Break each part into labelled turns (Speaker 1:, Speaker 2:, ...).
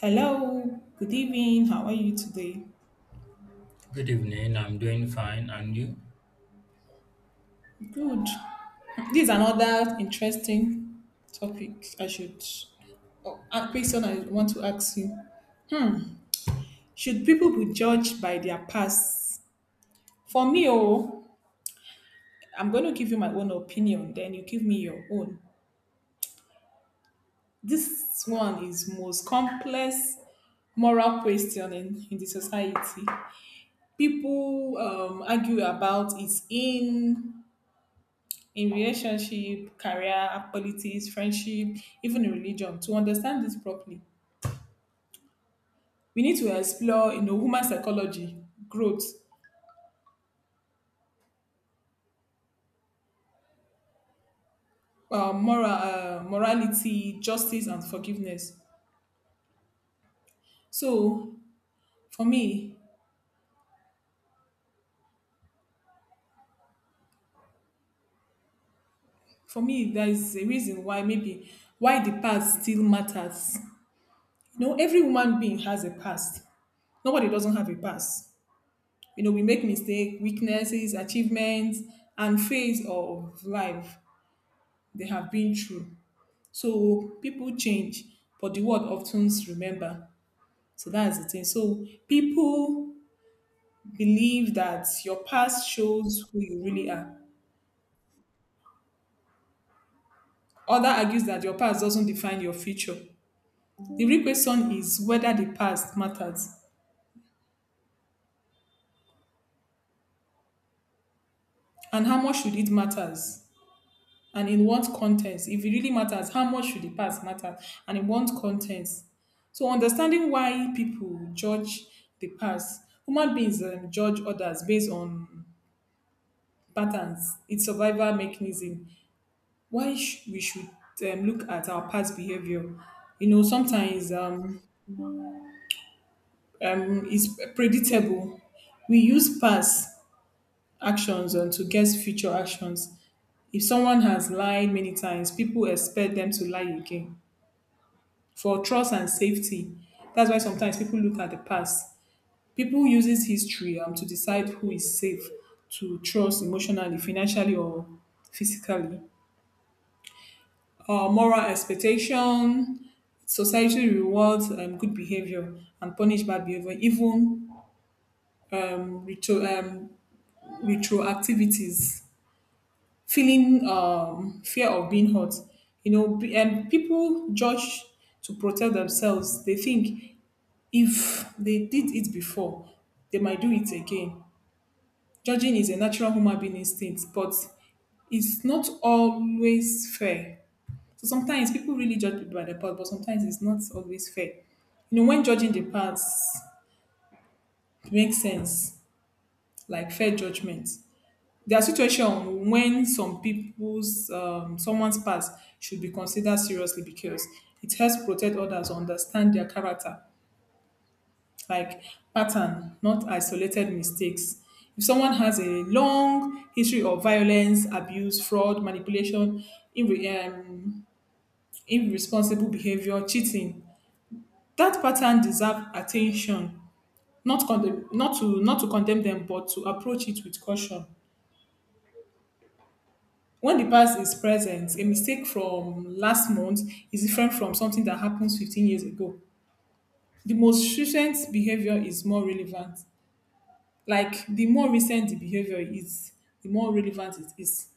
Speaker 1: Hello, good evening. How are you today?
Speaker 2: Good evening. I'm doing fine. And you?
Speaker 1: Good. This is another interesting topic. I should, oh, a question I want to ask you. Should people be judged by their past? For me, oh, I'm going to give you my own opinion, then you give me your own. This one is most complex moral question in the society. People argue about its in relationship, career, politics, friendship, even in religion. To understand this properly, we need to explore human psychology, growth, moral, morality, justice, and forgiveness. So for me, for me, there is a reason why maybe why the past still matters. You know, every human being has a past, nobody doesn't have a past. You know, we make mistakes, weaknesses, achievements, and phase of life they have been through. So people change, but the word often remember. So that's the thing. So people believe that your past shows who you really are. Other argues that your past doesn't define your future. The real question is whether the past matters and how much should it matters and in what context. If it really matters, how much should the past matter and in what context? So understanding why people judge the past, human beings judge others based on patterns, its survival mechanism. We should look at our past behavior. You know, sometimes it's predictable. We use past actions to guess future actions. If someone has lied many times, people expect them to lie again. For trust and safety, that's why sometimes people look at the past. People uses history to decide who is safe to trust emotionally, financially, or physically. Moral expectation. Society rewards good behavior and punish bad behavior, even um, retro, um, retroactivities. Feeling fear of being hurt. You know, people judge to protect themselves. They think if they did it before, they might do it again. Judging is a natural human being instinct, but it's not always fair. So sometimes people really judge people by the past, but sometimes it's not always fair. You know, when judging the past makes sense, like fair judgment. There are situations when someone's past should be considered seriously because it helps protect others understand their character, like pattern, not isolated mistakes. If someone has a long history of violence, abuse, fraud, manipulation, irre- um, irresponsible behavior, cheating, that pattern deserve attention, not condemn, not to condemn them, but to approach it with caution. When the past is present, a mistake from last month is different from something that happens 15 years ago. The most recent behaviour is more relevant. Like, the more recent the behaviour is, the more relevant it is.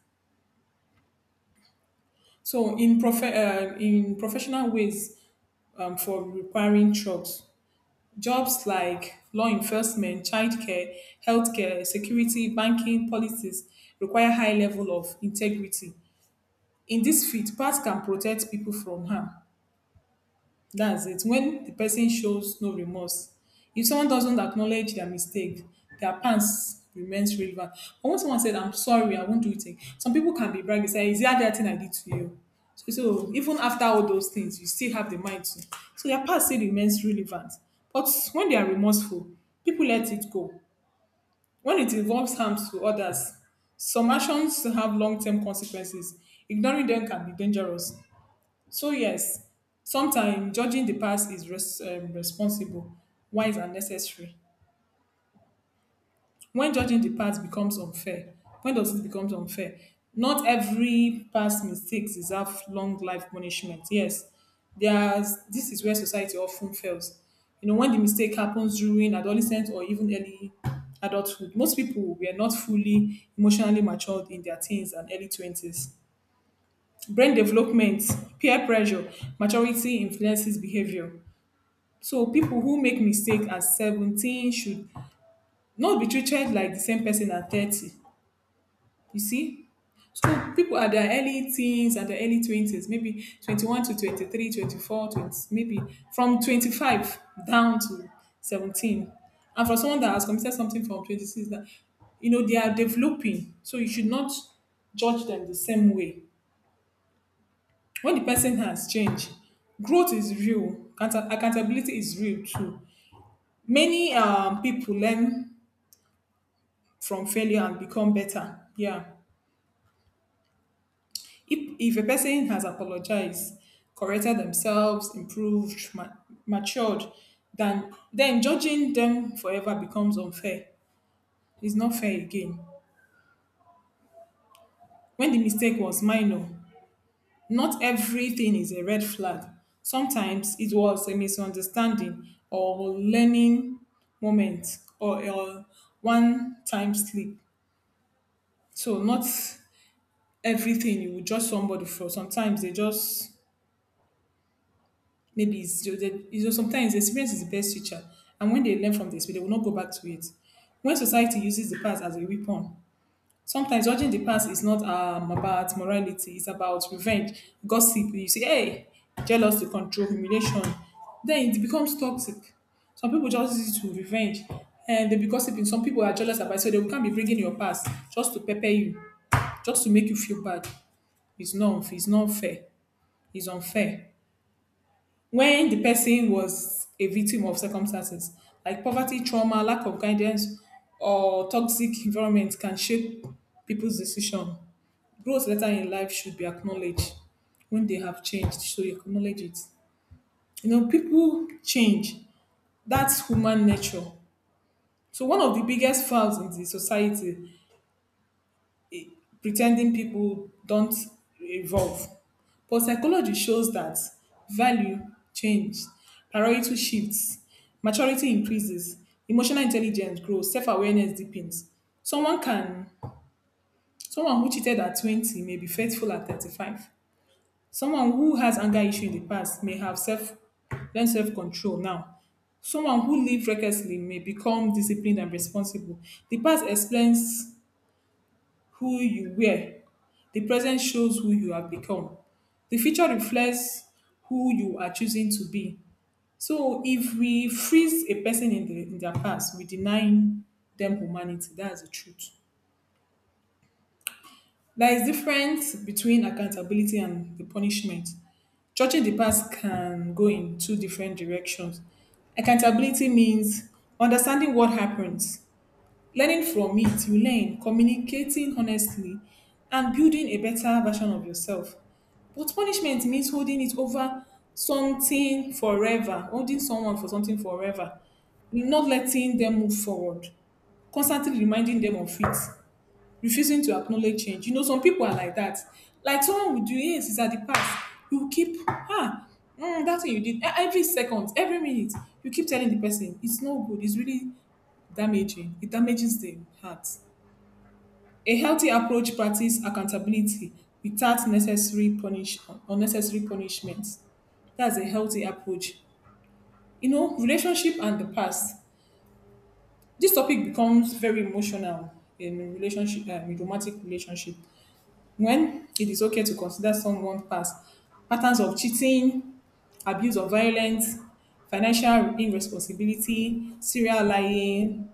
Speaker 1: So in professional ways, for repairing trucks. Jobs like law enforcement, childcare, healthcare, security, banking, politics require high level of integrity. In this field, path can protect people from harm. That's it. When the person shows no remorse, if someone doesn't acknowledge their mistake, their past remains relevant. But when someone said, "I'm sorry, I won't do it again," some people can be bragging, say, "Is that that thing I did to you? So, so even after all those things, you still have the mind to." So their past still remains relevant. But when they are remorseful, people let it go. When it involves harm to others, some actions have long term consequences. Ignoring them can be dangerous. So yes, sometimes judging the past is responsible, wise and necessary. When judging the past becomes unfair, when does it become unfair? Not every past mistakes deserve long life punishment. Yes, there's this is where society often fails. You know, when the mistake happens during adolescence or even early adulthood, most people were not fully emotionally matured in their teens and early 20s. Brain development, peer pressure, maturity influences behavior. So people who make mistake at 17 should not be treated like the same person at 30. You see? So people at their early teens, at their early 20s, maybe 21 to 23, 24, 20, maybe from 25 down to 17. And for someone that has committed something from 26, that, you know, they are developing. So you should not judge them the same way. When the person has changed, growth is real. Accountability is real too. Many people learn from failure and become better. Yeah. If a person has apologized, corrected themselves, improved, matured, then judging them forever becomes unfair. It's not fair again. When the mistake was minor, not everything is a red flag. Sometimes it was a misunderstanding or learning moment or a one time slip. So, not everything you would judge somebody for. Sometimes they just— maybe it's— you know, sometimes experience is the best teacher, and when they learn from the experience, they will not go back to it. When society uses the past as a weapon, sometimes judging the past is not about morality; it's about revenge, gossip. You say, "Hey, jealous to control, humiliation," then it becomes toxic. Some people just use it to revenge, and they be gossiping. Some people are jealous about it, so they can't be bringing your past just to pepper you, just to make you feel bad. It's not fair. It's unfair when the person was a victim of circumstances like poverty, trauma, lack of guidance, or toxic environment can shape people's decision. Growth later in life should be acknowledged. When they have changed, so you acknowledge it. You know, people change. That's human nature. So one of the biggest flaws in the society, pretending people don't evolve. But psychology shows that value changes, priority shifts, maturity increases, emotional intelligence grows, self-awareness deepens. Someone can Someone who cheated at 20 may be faithful at 35. Someone who has anger issue in the past may have self learned self-control now. Someone who lived recklessly may become disciplined and responsible. The past explains who you were. The present shows who you have become. The future reflects who you are choosing to be. So if we freeze a person in their past, we denying them humanity. That's the truth. There is difference between accountability and the punishment. Judging the past can go in two different directions. Accountability means understanding what happened, learning from it, you learn communicating honestly, and building a better version of yourself. But punishment means holding someone for something forever, not letting them move forward, constantly reminding them of it, refusing to acknowledge change. You know, some people are like that. Like someone will do, yes, it's at the past. You keep, ah, mm, that thing you did. Every second, every minute, you keep telling the person, it's no good. It's really damaging. It damages the heart. A healthy approach practice accountability without necessary punish unnecessary punishment. That's a healthy approach. You know, relationship and the past. This topic becomes very emotional in relationship, in romantic relationship. When it is okay to consider someone's past, patterns of cheating, abuse of violence, financial irresponsibility, serial lying,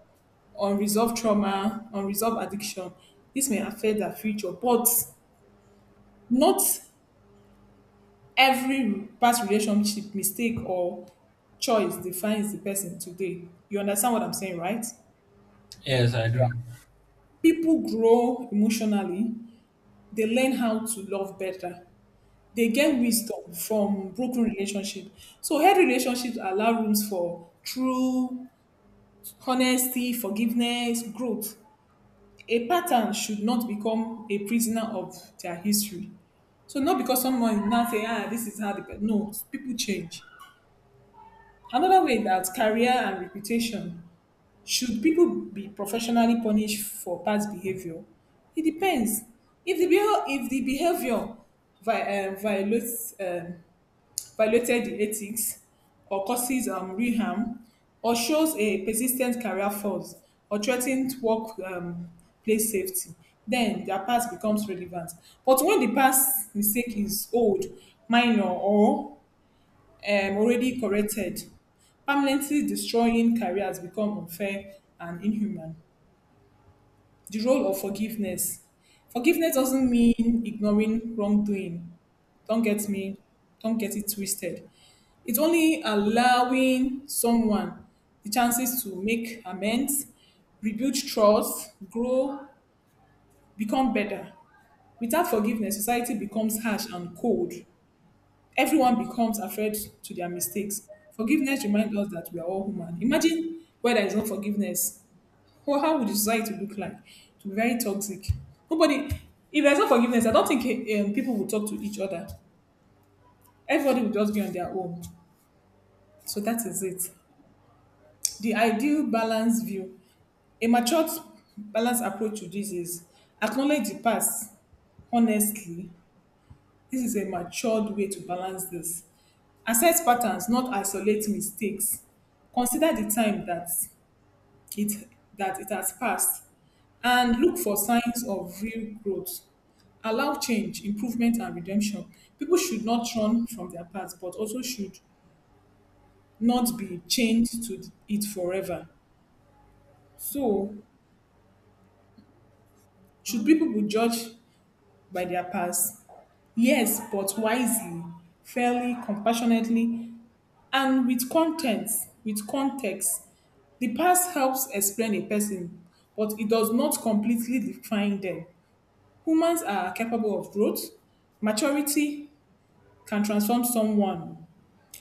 Speaker 1: unresolved trauma, unresolved addiction. This may affect their future, but not every past relationship, mistake, or choice defines the person today. You understand what I'm saying, right?
Speaker 2: Yes, I do.
Speaker 1: People grow emotionally, they learn how to love better, they get wisdom from broken relationship. So healthy relationships allow rooms for true honesty, forgiveness, growth. A pattern should not become a prisoner of their history. So not because someone now say, "ah, this is how the no, people change. Another way that career and reputation, should people be professionally punished for past behavior? It depends. If the behavior violates violated the ethics or causes real harm or shows a persistent career faults or threatened work place safety, then their past becomes relevant. But when the past mistake is old, minor, or already corrected, permanently destroying careers become unfair and inhuman. The role of forgiveness. Forgiveness doesn't mean ignoring wrongdoing. Don't get me, don't get it twisted. It's only allowing someone the chances to make amends, rebuild trust, grow, become better. Without forgiveness, society becomes harsh and cold. Everyone becomes afraid to their mistakes. Forgiveness reminds us that we are all human. Imagine where there is no forgiveness, well, how would society look like? It would be very toxic. Nobody, if there's no forgiveness, I don't think people will talk to each other. Everybody will just be on their own. So that is it. The ideal balance view, a matured balanced approach to this is acknowledge the past honestly. This is a matured way to balance this. Assess patterns, not isolate mistakes. Consider the time it that it has passed and look for signs of real growth. Allow change, improvement, and redemption. People should not run from their past, but also should not be chained to it forever. So, should people be judged by their past? Yes, but wisely, fairly, compassionately, and with context. With context, the past helps explain a person, but it does not completely define them. Humans are capable of growth. Maturity can transform someone.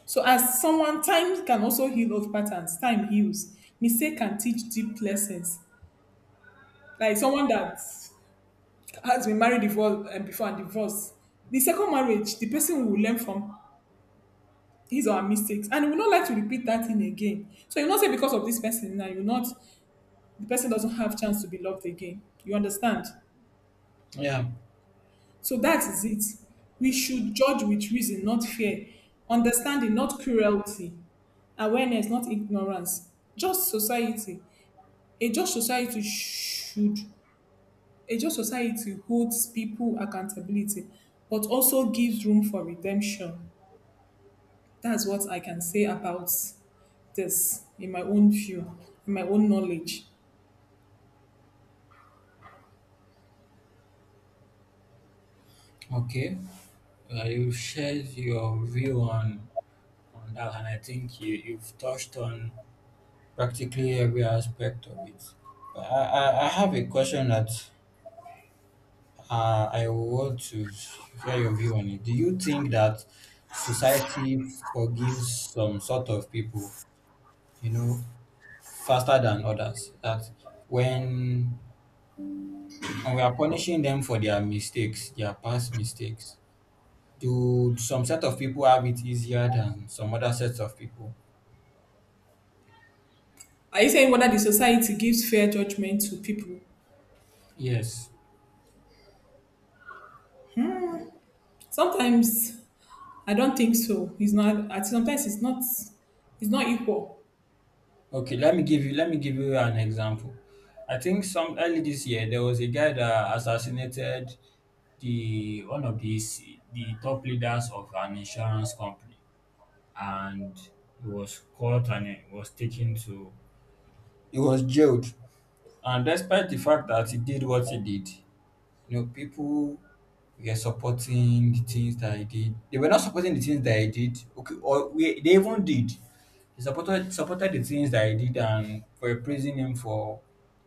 Speaker 1: So as someone, time can also heal old patterns. Time heals. Mistake can teach deep lessons. Like someone that has been married before and divorced. The second marriage, the person will learn from his or her mistakes and will not like to repeat that thing again. So you not say because of this person now, you not the person doesn't have chance to be loved again. You understand?
Speaker 2: Yeah.
Speaker 1: So that is it. We should judge with reason, not fear, understanding, not cruelty, awareness, not ignorance. Just society. A just society should a just society holds people accountability, but also gives room for redemption. That's what I can say about this in my own view, in my own knowledge.
Speaker 2: Okay. You shared your view on that, and I think you've touched on practically every aspect of it. But I have a question that I want to hear your view on it. Do you think that society forgives some sort of people, you know, faster than others? That when when we are punishing them for their mistakes, their past mistakes, do some set of people have it easier than some other sets of people?
Speaker 1: Are you saying whether the society gives fair judgment to people?
Speaker 2: Yes.
Speaker 1: Sometimes I don't think so. It's not. At sometimes it's not. It's not equal.
Speaker 2: Okay, let me give you, let me give you an example. I think some early this year there was a guy that assassinated the one of the the top leaders of an insurance company, and he was caught and he was taken to, he was jailed. And despite the fact that he did what he did, you know, people were supporting the things that I did. They were not supporting the things that I did. Okay, or we, they even did. They supported the things that I did and were praising him for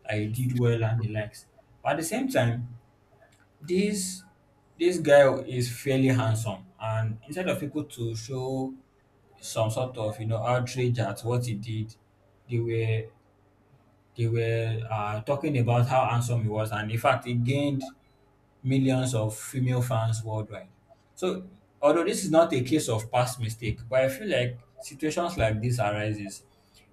Speaker 2: I did well and the likes. But at the same time, this this guy is fairly handsome, and instead of people to show some sort of, you know, outrage at what he did, they were, talking about how handsome he was, and in fact, he gained millions of female fans worldwide. So although this is not a case of past mistake, but I feel like situations like this arises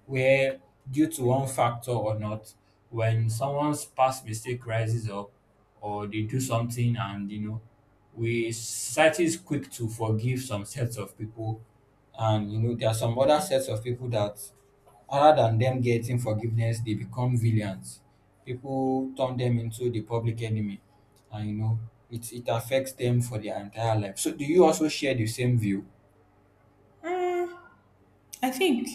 Speaker 2: where due to one factor or not, when someone's past mistake rises up or they do something, and you know, we society is quick to forgive some sets of people, and you know, there are some other sets of people that rather than them getting forgiveness they become villains, people turn them into the public enemy, and you know, it affects them for their entire life. So do you also share the same view?
Speaker 1: Mm, I think.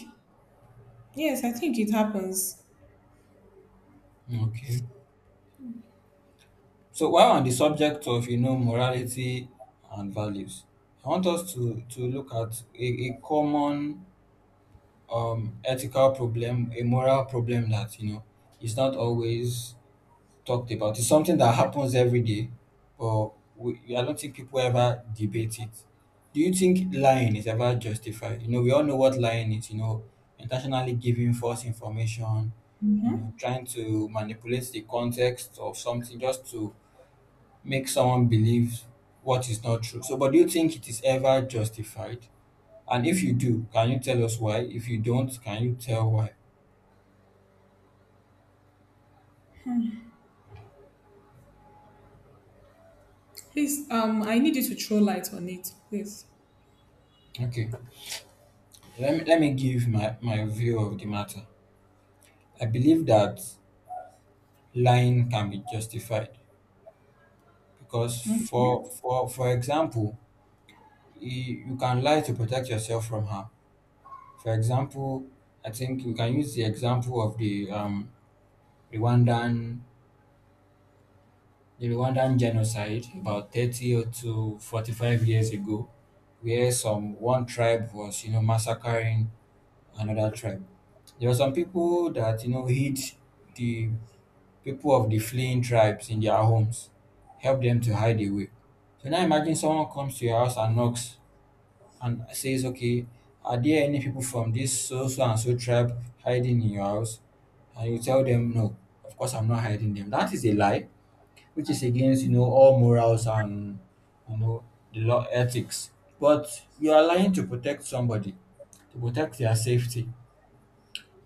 Speaker 1: Yes, I think it happens.
Speaker 2: Okay, so while on the subject of, you know, morality and values, I want us to look at a common ethical problem, a moral problem that, you know, is not always talked about. It's something that happens every day, but we, I don't think people ever debate it. Do you think lying is ever justified? You know, we all know what lying is, you know, intentionally giving false information, you know, trying to manipulate the context of something just to make someone believe what is not true. So, but do you think it is ever justified? And if you do, can you tell us why? If you don't, can you tell why?
Speaker 1: Please, I need you to throw light on it, please.
Speaker 2: Okay, let me give my, my view of the matter. I believe that lying can be justified because for
Speaker 1: Okay.
Speaker 2: for for example you, you can lie to protect yourself from harm. For example, I think we can use the example of the Rwandan, the Rwandan genocide about 30 or to 45 years ago, where some one tribe was, you know, massacring another tribe. There were some people that, you know, hid the people of the fleeing tribes in their homes, help them to hide away. So now imagine someone comes to your house and knocks and says, "Okay, are there any people from this so so and so tribe hiding in your house?" And you tell them, "No, of course I'm not hiding them." That is a lie, which is against, you know, all morals and, you know, the law ethics. But you are lying to protect somebody, to protect their safety.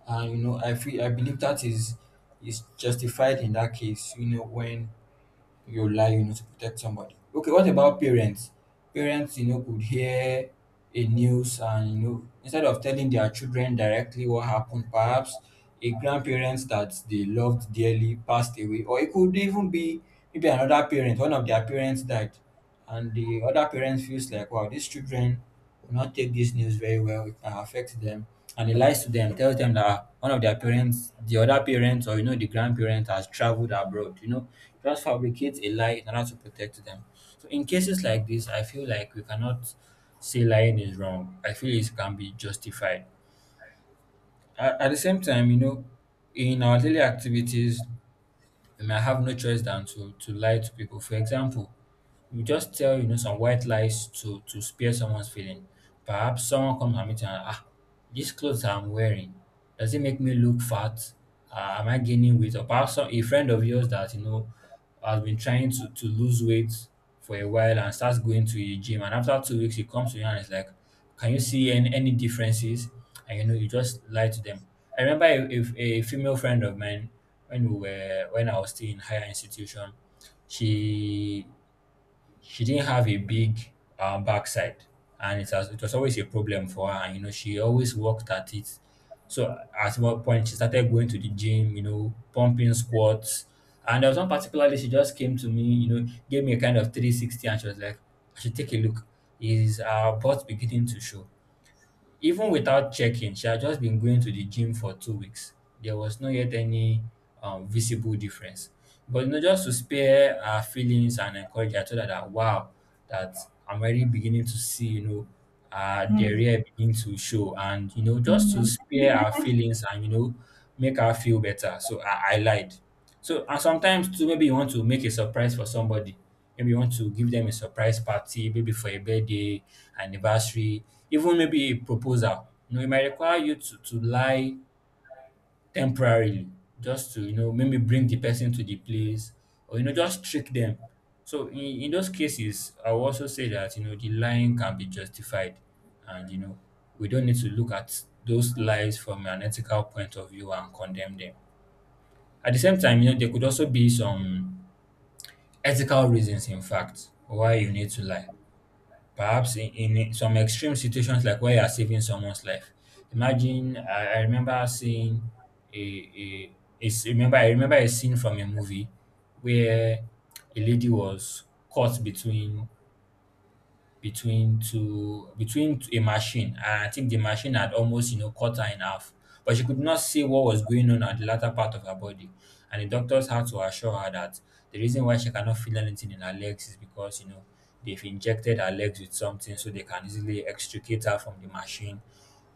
Speaker 2: And you know, I feel, I believe that is justified in that case, you know, when your life, you know, to protect somebody. Okay, what about parents? Parents, you know, could hear a news and, you know, instead of telling their children directly what happened, perhaps a grandparent that they loved dearly passed away, or it could even be maybe another parent, one of their parents died, and the other parents feels like, wow, these children will not take this news very well, it can affect them, and he lies to them, tells them that one of their parents, the other parents, or, you know, the grandparent has traveled abroad, you know, just fabricates a lie in order to protect them. So in cases like this, I feel like we cannot say lying is wrong. I feel it can be justified. At the same time, you know, in our daily activities, we may have no choice than to lie to people. For example, you just tell, you know, some white lies to spare someone's feeling. Perhaps someone comes and meets you and, these clothes I'm wearing, does it make me look fat? Am I gaining weight? Or perhaps a friend of yours that you know has been trying to lose weight for a while and starts going to a gym, and after 2 weeks he comes to you and is like, "Can you see any differences?" And you know you just lie to them. I remember a female friend of mine when we were when I was still in higher institution. She She didn't have a big backside, and it, has, it was always a problem for her. And you know, she always worked at it. So at one point, she started going to the gym, you know, pumping squats. And there was one particular day she just came to me, you know, gave me a kind of 360, and she was like, I should take a look. Is our butt beginning to show? Even without checking, she had just been going to the gym for 2 weeks. There was not yet any visible difference. But you know, just to spare her feelings and encourage her, I told her that wow, that I'm already beginning to see, you know, the rear begin to show, and you know, just to spare her feelings and you know, make her feel better. So I lied. So and sometimes too, maybe you want to make a surprise for somebody. Maybe you want to give them a surprise party, maybe for a birthday, anniversary, even maybe a proposal. You know, it might require you to lie temporarily just to, you know, maybe bring the person to the place or, you know, just trick them. So in those cases, I will also say that, you know, the lying can be justified and, you know, we don't need to look at those lies from an ethical point of view and condemn them. At the same time, you know, there could also be some ethical reasons, in fact, why you need to lie. Perhaps in some extreme situations, like where you are saving someone's life. Imagine, I remember seeing a, a, a s- remember I remember a scene from a movie where a lady was caught between between two between to a machine, and I think the machine had almost, you know, cut her in half. But she could not see what was going on at the latter part of her body. And the doctors had to assure her that the reason why she cannot feel anything in her legs is because you know they've injected her legs with something so they can easily extricate her from the machine.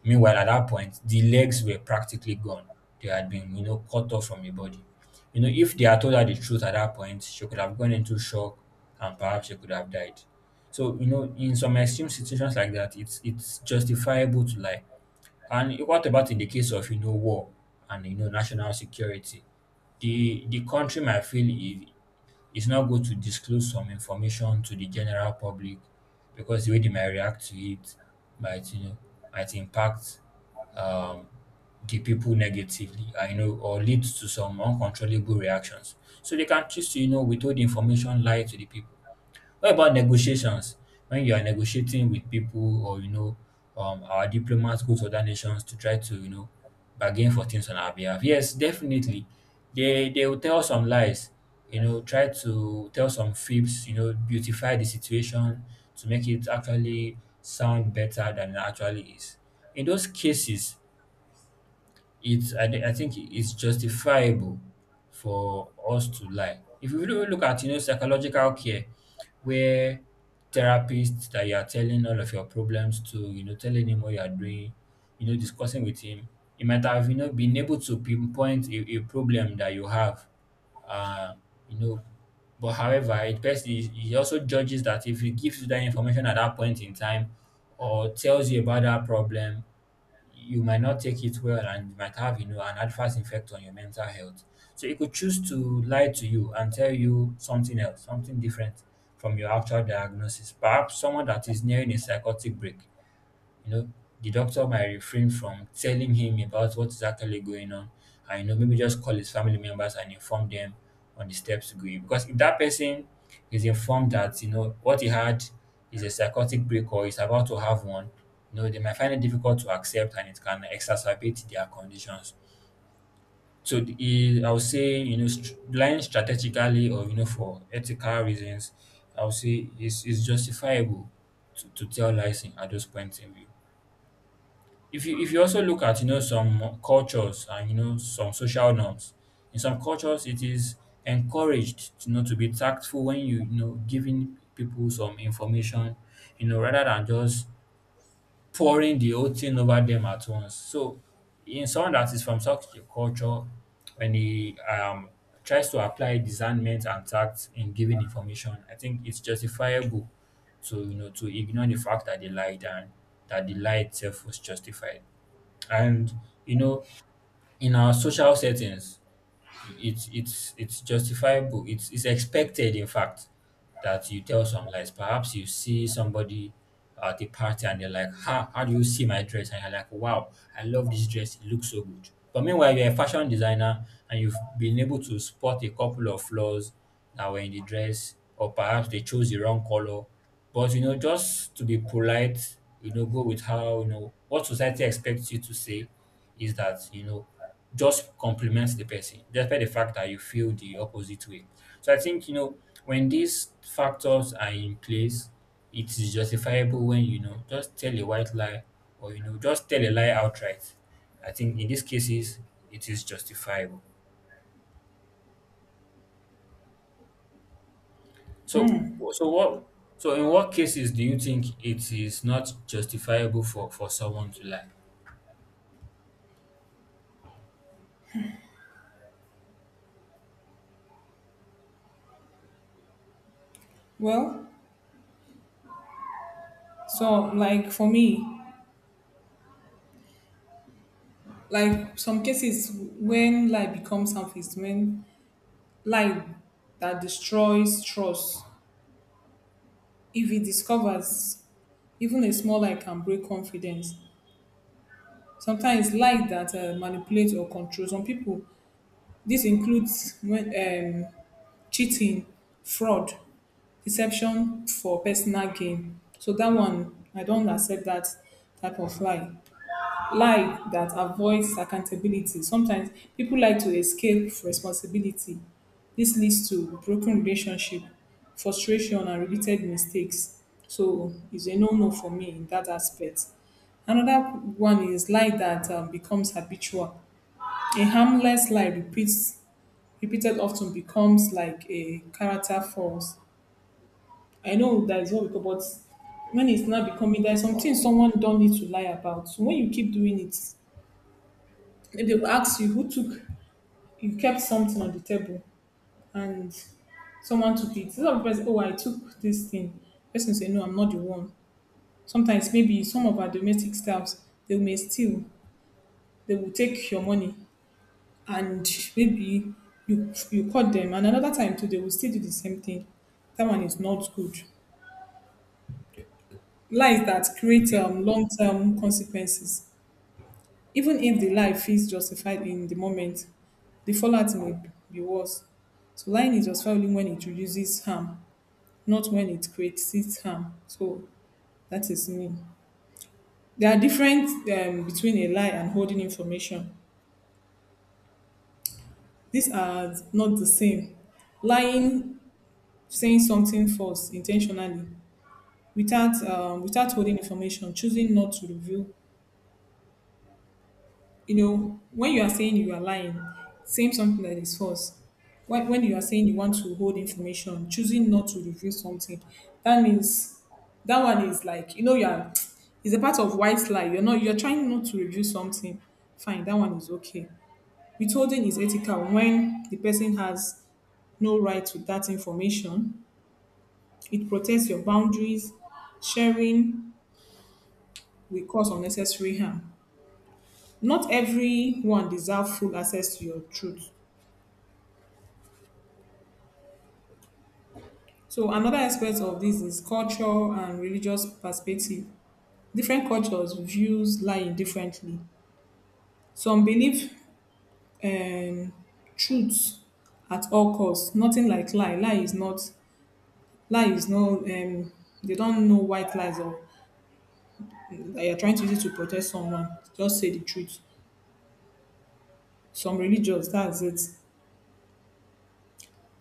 Speaker 2: Meanwhile, at that point, the legs were practically gone. They had been, you know, cut off from the body. You know, if they had told her the truth at that point, she could have gone into shock, and perhaps she could have died. So, you know, in some extreme situations like that, it's justifiable to lie. And what about in the case of, you know, war and, you know, national security? The country might feel it is not good to disclose some information to the general public because the way they might react to it might, you know, might impact um, the people negatively, I know, or leads to some uncontrollable reactions. So they can choose to, you know, withhold information, lie to the people. What about negotiations? When you are negotiating with people or you know, our diplomats go to other nations to try to, you know, bargain for things on our behalf. Yes, definitely, they will tell some lies. You know, try to tell some fibs. You know, beautify the situation to make it actually sound better than it actually is. In those cases, I think it's justifiable for us to lie. If you really look at, you know, psychological care, where therapists that you are telling all of your problems to, you know, telling him what you are doing, you know, discussing with him, he might have, you know, been able to pinpoint a problem that you have, uh, you know. But however, it best he also judges that if he gives you that information at that point in time or tells you about that problem, you might not take it well and you might have, you know, an adverse effect on your mental health. So it could choose to lie to you and tell you something else, something different from your actual diagnosis. Perhaps someone that is nearing a psychotic break, you know, the doctor might refrain from telling him about what's actually going on and, you know, maybe just call his family members and inform them on the steps to go in. Because if that person is informed that, you know, what he had is a psychotic break or is about to have one, you know, they might find it difficult to accept and it can exacerbate their conditions. So I would say, you know, lying strategically or, you know, for ethical reasons, I would say is justifiable to tell lies at those points in view. If you also look at, you know, some cultures and, you know, some social norms, in some cultures it is encouraged to, you know, to be tactful when you know, giving people some information, you know, rather than just pouring the whole thing over them at once. So in someone that is from such a culture, when he tries to apply discernment and tact in giving information, I think it's justifiable to, you know, to ignore the fact that they lied and that the lie itself was justified. And you know, in our social settings, it's justifiable, it's expected, in fact, that you tell some lies. Perhaps you see somebody at a party and they're like, ha, how do you see my dress, and you're like, wow, I love this dress, it looks so good. But meanwhile you're a fashion designer and you've been able to spot a couple of flaws that were in the dress, or perhaps they chose the wrong color, but you know, just to be polite, you know, go with how, you know, what society expects you to say is that, you know, just compliment the person despite the fact that you feel the opposite way. So I think, you know, when these factors are in place, it is justifiable when, you know, just tell a white lie or, you know, just tell a lie outright. I think in these cases it is justifiable. So so what so in what cases do you think it is not justifiable for someone to lie?
Speaker 1: Well, so like for me, like some cases when lie becomes surface, when lie that destroys trust, if it discovers even a small lie can break confidence. Sometimes lie that manipulates or controls. Some people, this includes when cheating, fraud, deception for personal gain. So that one, I don't accept that type of lie. Lie that avoids accountability. Sometimes people like to escape responsibility. This leads to broken relationship, frustration, and repeated mistakes. So it's a no-no for me in that aspect. Another one is lie that becomes habitual. A harmless lie repeats repeated often becomes like a character flaws. I know that is what we call, but when it's not becoming, there's something someone don't need to lie about. So when you keep doing it, maybe they'll ask you who took, you kept something on the table and someone took it. Some people say, oh, I took this thing. Person say, no, I'm not the one. Sometimes maybe some of our domestic staffs, they may steal, they will take your money and maybe you caught them. And another time too, they will still do the same thing. That one is not good. Lies that create
Speaker 2: Okay,
Speaker 1: long-term consequences. Even if the lie feels justified in the moment, the fallout may be worse. So lying is justified only when it reduces harm, not when it creates its harm. So that is me. There are different between a lie and holding information. These are not the same. Lying, saying something false intentionally, without without holding information, choosing not to reveal you know, when you are saying you are lying, saying something that is false, when you are saying you want to hold information, choosing not to reveal something, that means that one is like, you know, it's a part of white lie. You're trying not to reveal something. Fine, that one is okay. Withholding is ethical when the person has no right to that information. It protects your boundaries. Sharing will cause unnecessary harm. Not everyone deserves full access to your truth. So another aspect of this is culture and religious perspective. Different cultures views lying differently. Some believe um, truth at all costs. Nothing like lie. Lie is not. Lie is no. They don't know white lies or they are trying to use it to protect someone. Just say the truth. Some religious, that's it.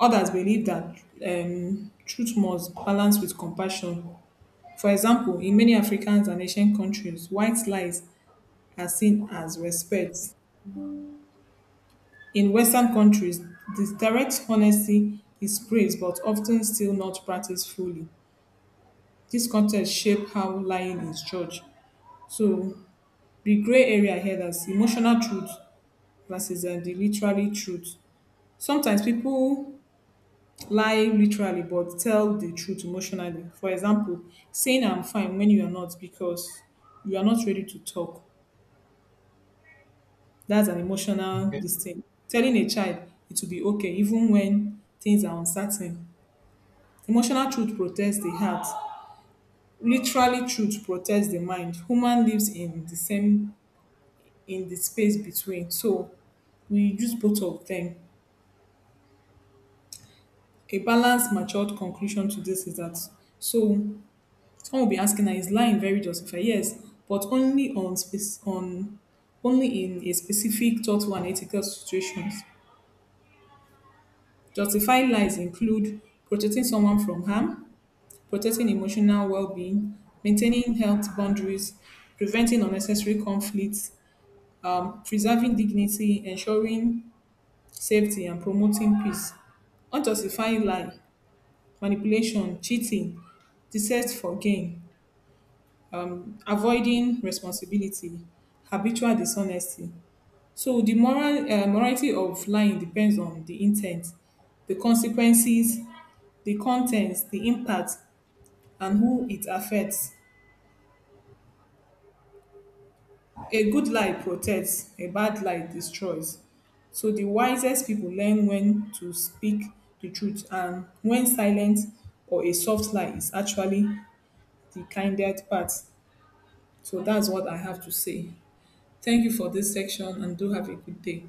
Speaker 1: Others believe that truth must balance with compassion. For example, in many Africans and Asian countries, white lies are seen as respect. In Western countries, this direct honesty is praised but often still not practiced fully. This context shape how lying is judged. So the gray area here that's emotional truth versus the literally truth. Sometimes people lie literally but tell the truth emotionally. For example, saying I'm fine when you are not because you are not ready to talk. That's an emotional this thing. Telling a child it will be okay even when things are uncertain. Emotional truth protects the heart. Literally truth protects the mind. Human lives in the space between. So we use both of them. A balanced, matured conclusion to this is that so someone will be asking, "Now, is lying very justified? Yes, but only on space on only in a specific thoughtful and ethical situations. Justifying lies include protecting someone from harm, protecting emotional well-being, maintaining health boundaries, preventing unnecessary conflicts, preserving dignity, ensuring safety, and promoting peace. Unjustified lie, manipulation, cheating, deception for gain, avoiding responsibility, habitual dishonesty. So the moral morality of lying depends on the intent, the consequences, the contents, the impact, and who it affects. A good lie protects, a bad lie destroys. So the wisest people learn when to speak the truth and when silence or a soft lie is actually the kindest part. So that's what I have to say. Thank you for this section and do have a good day.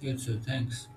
Speaker 2: good, so thanks.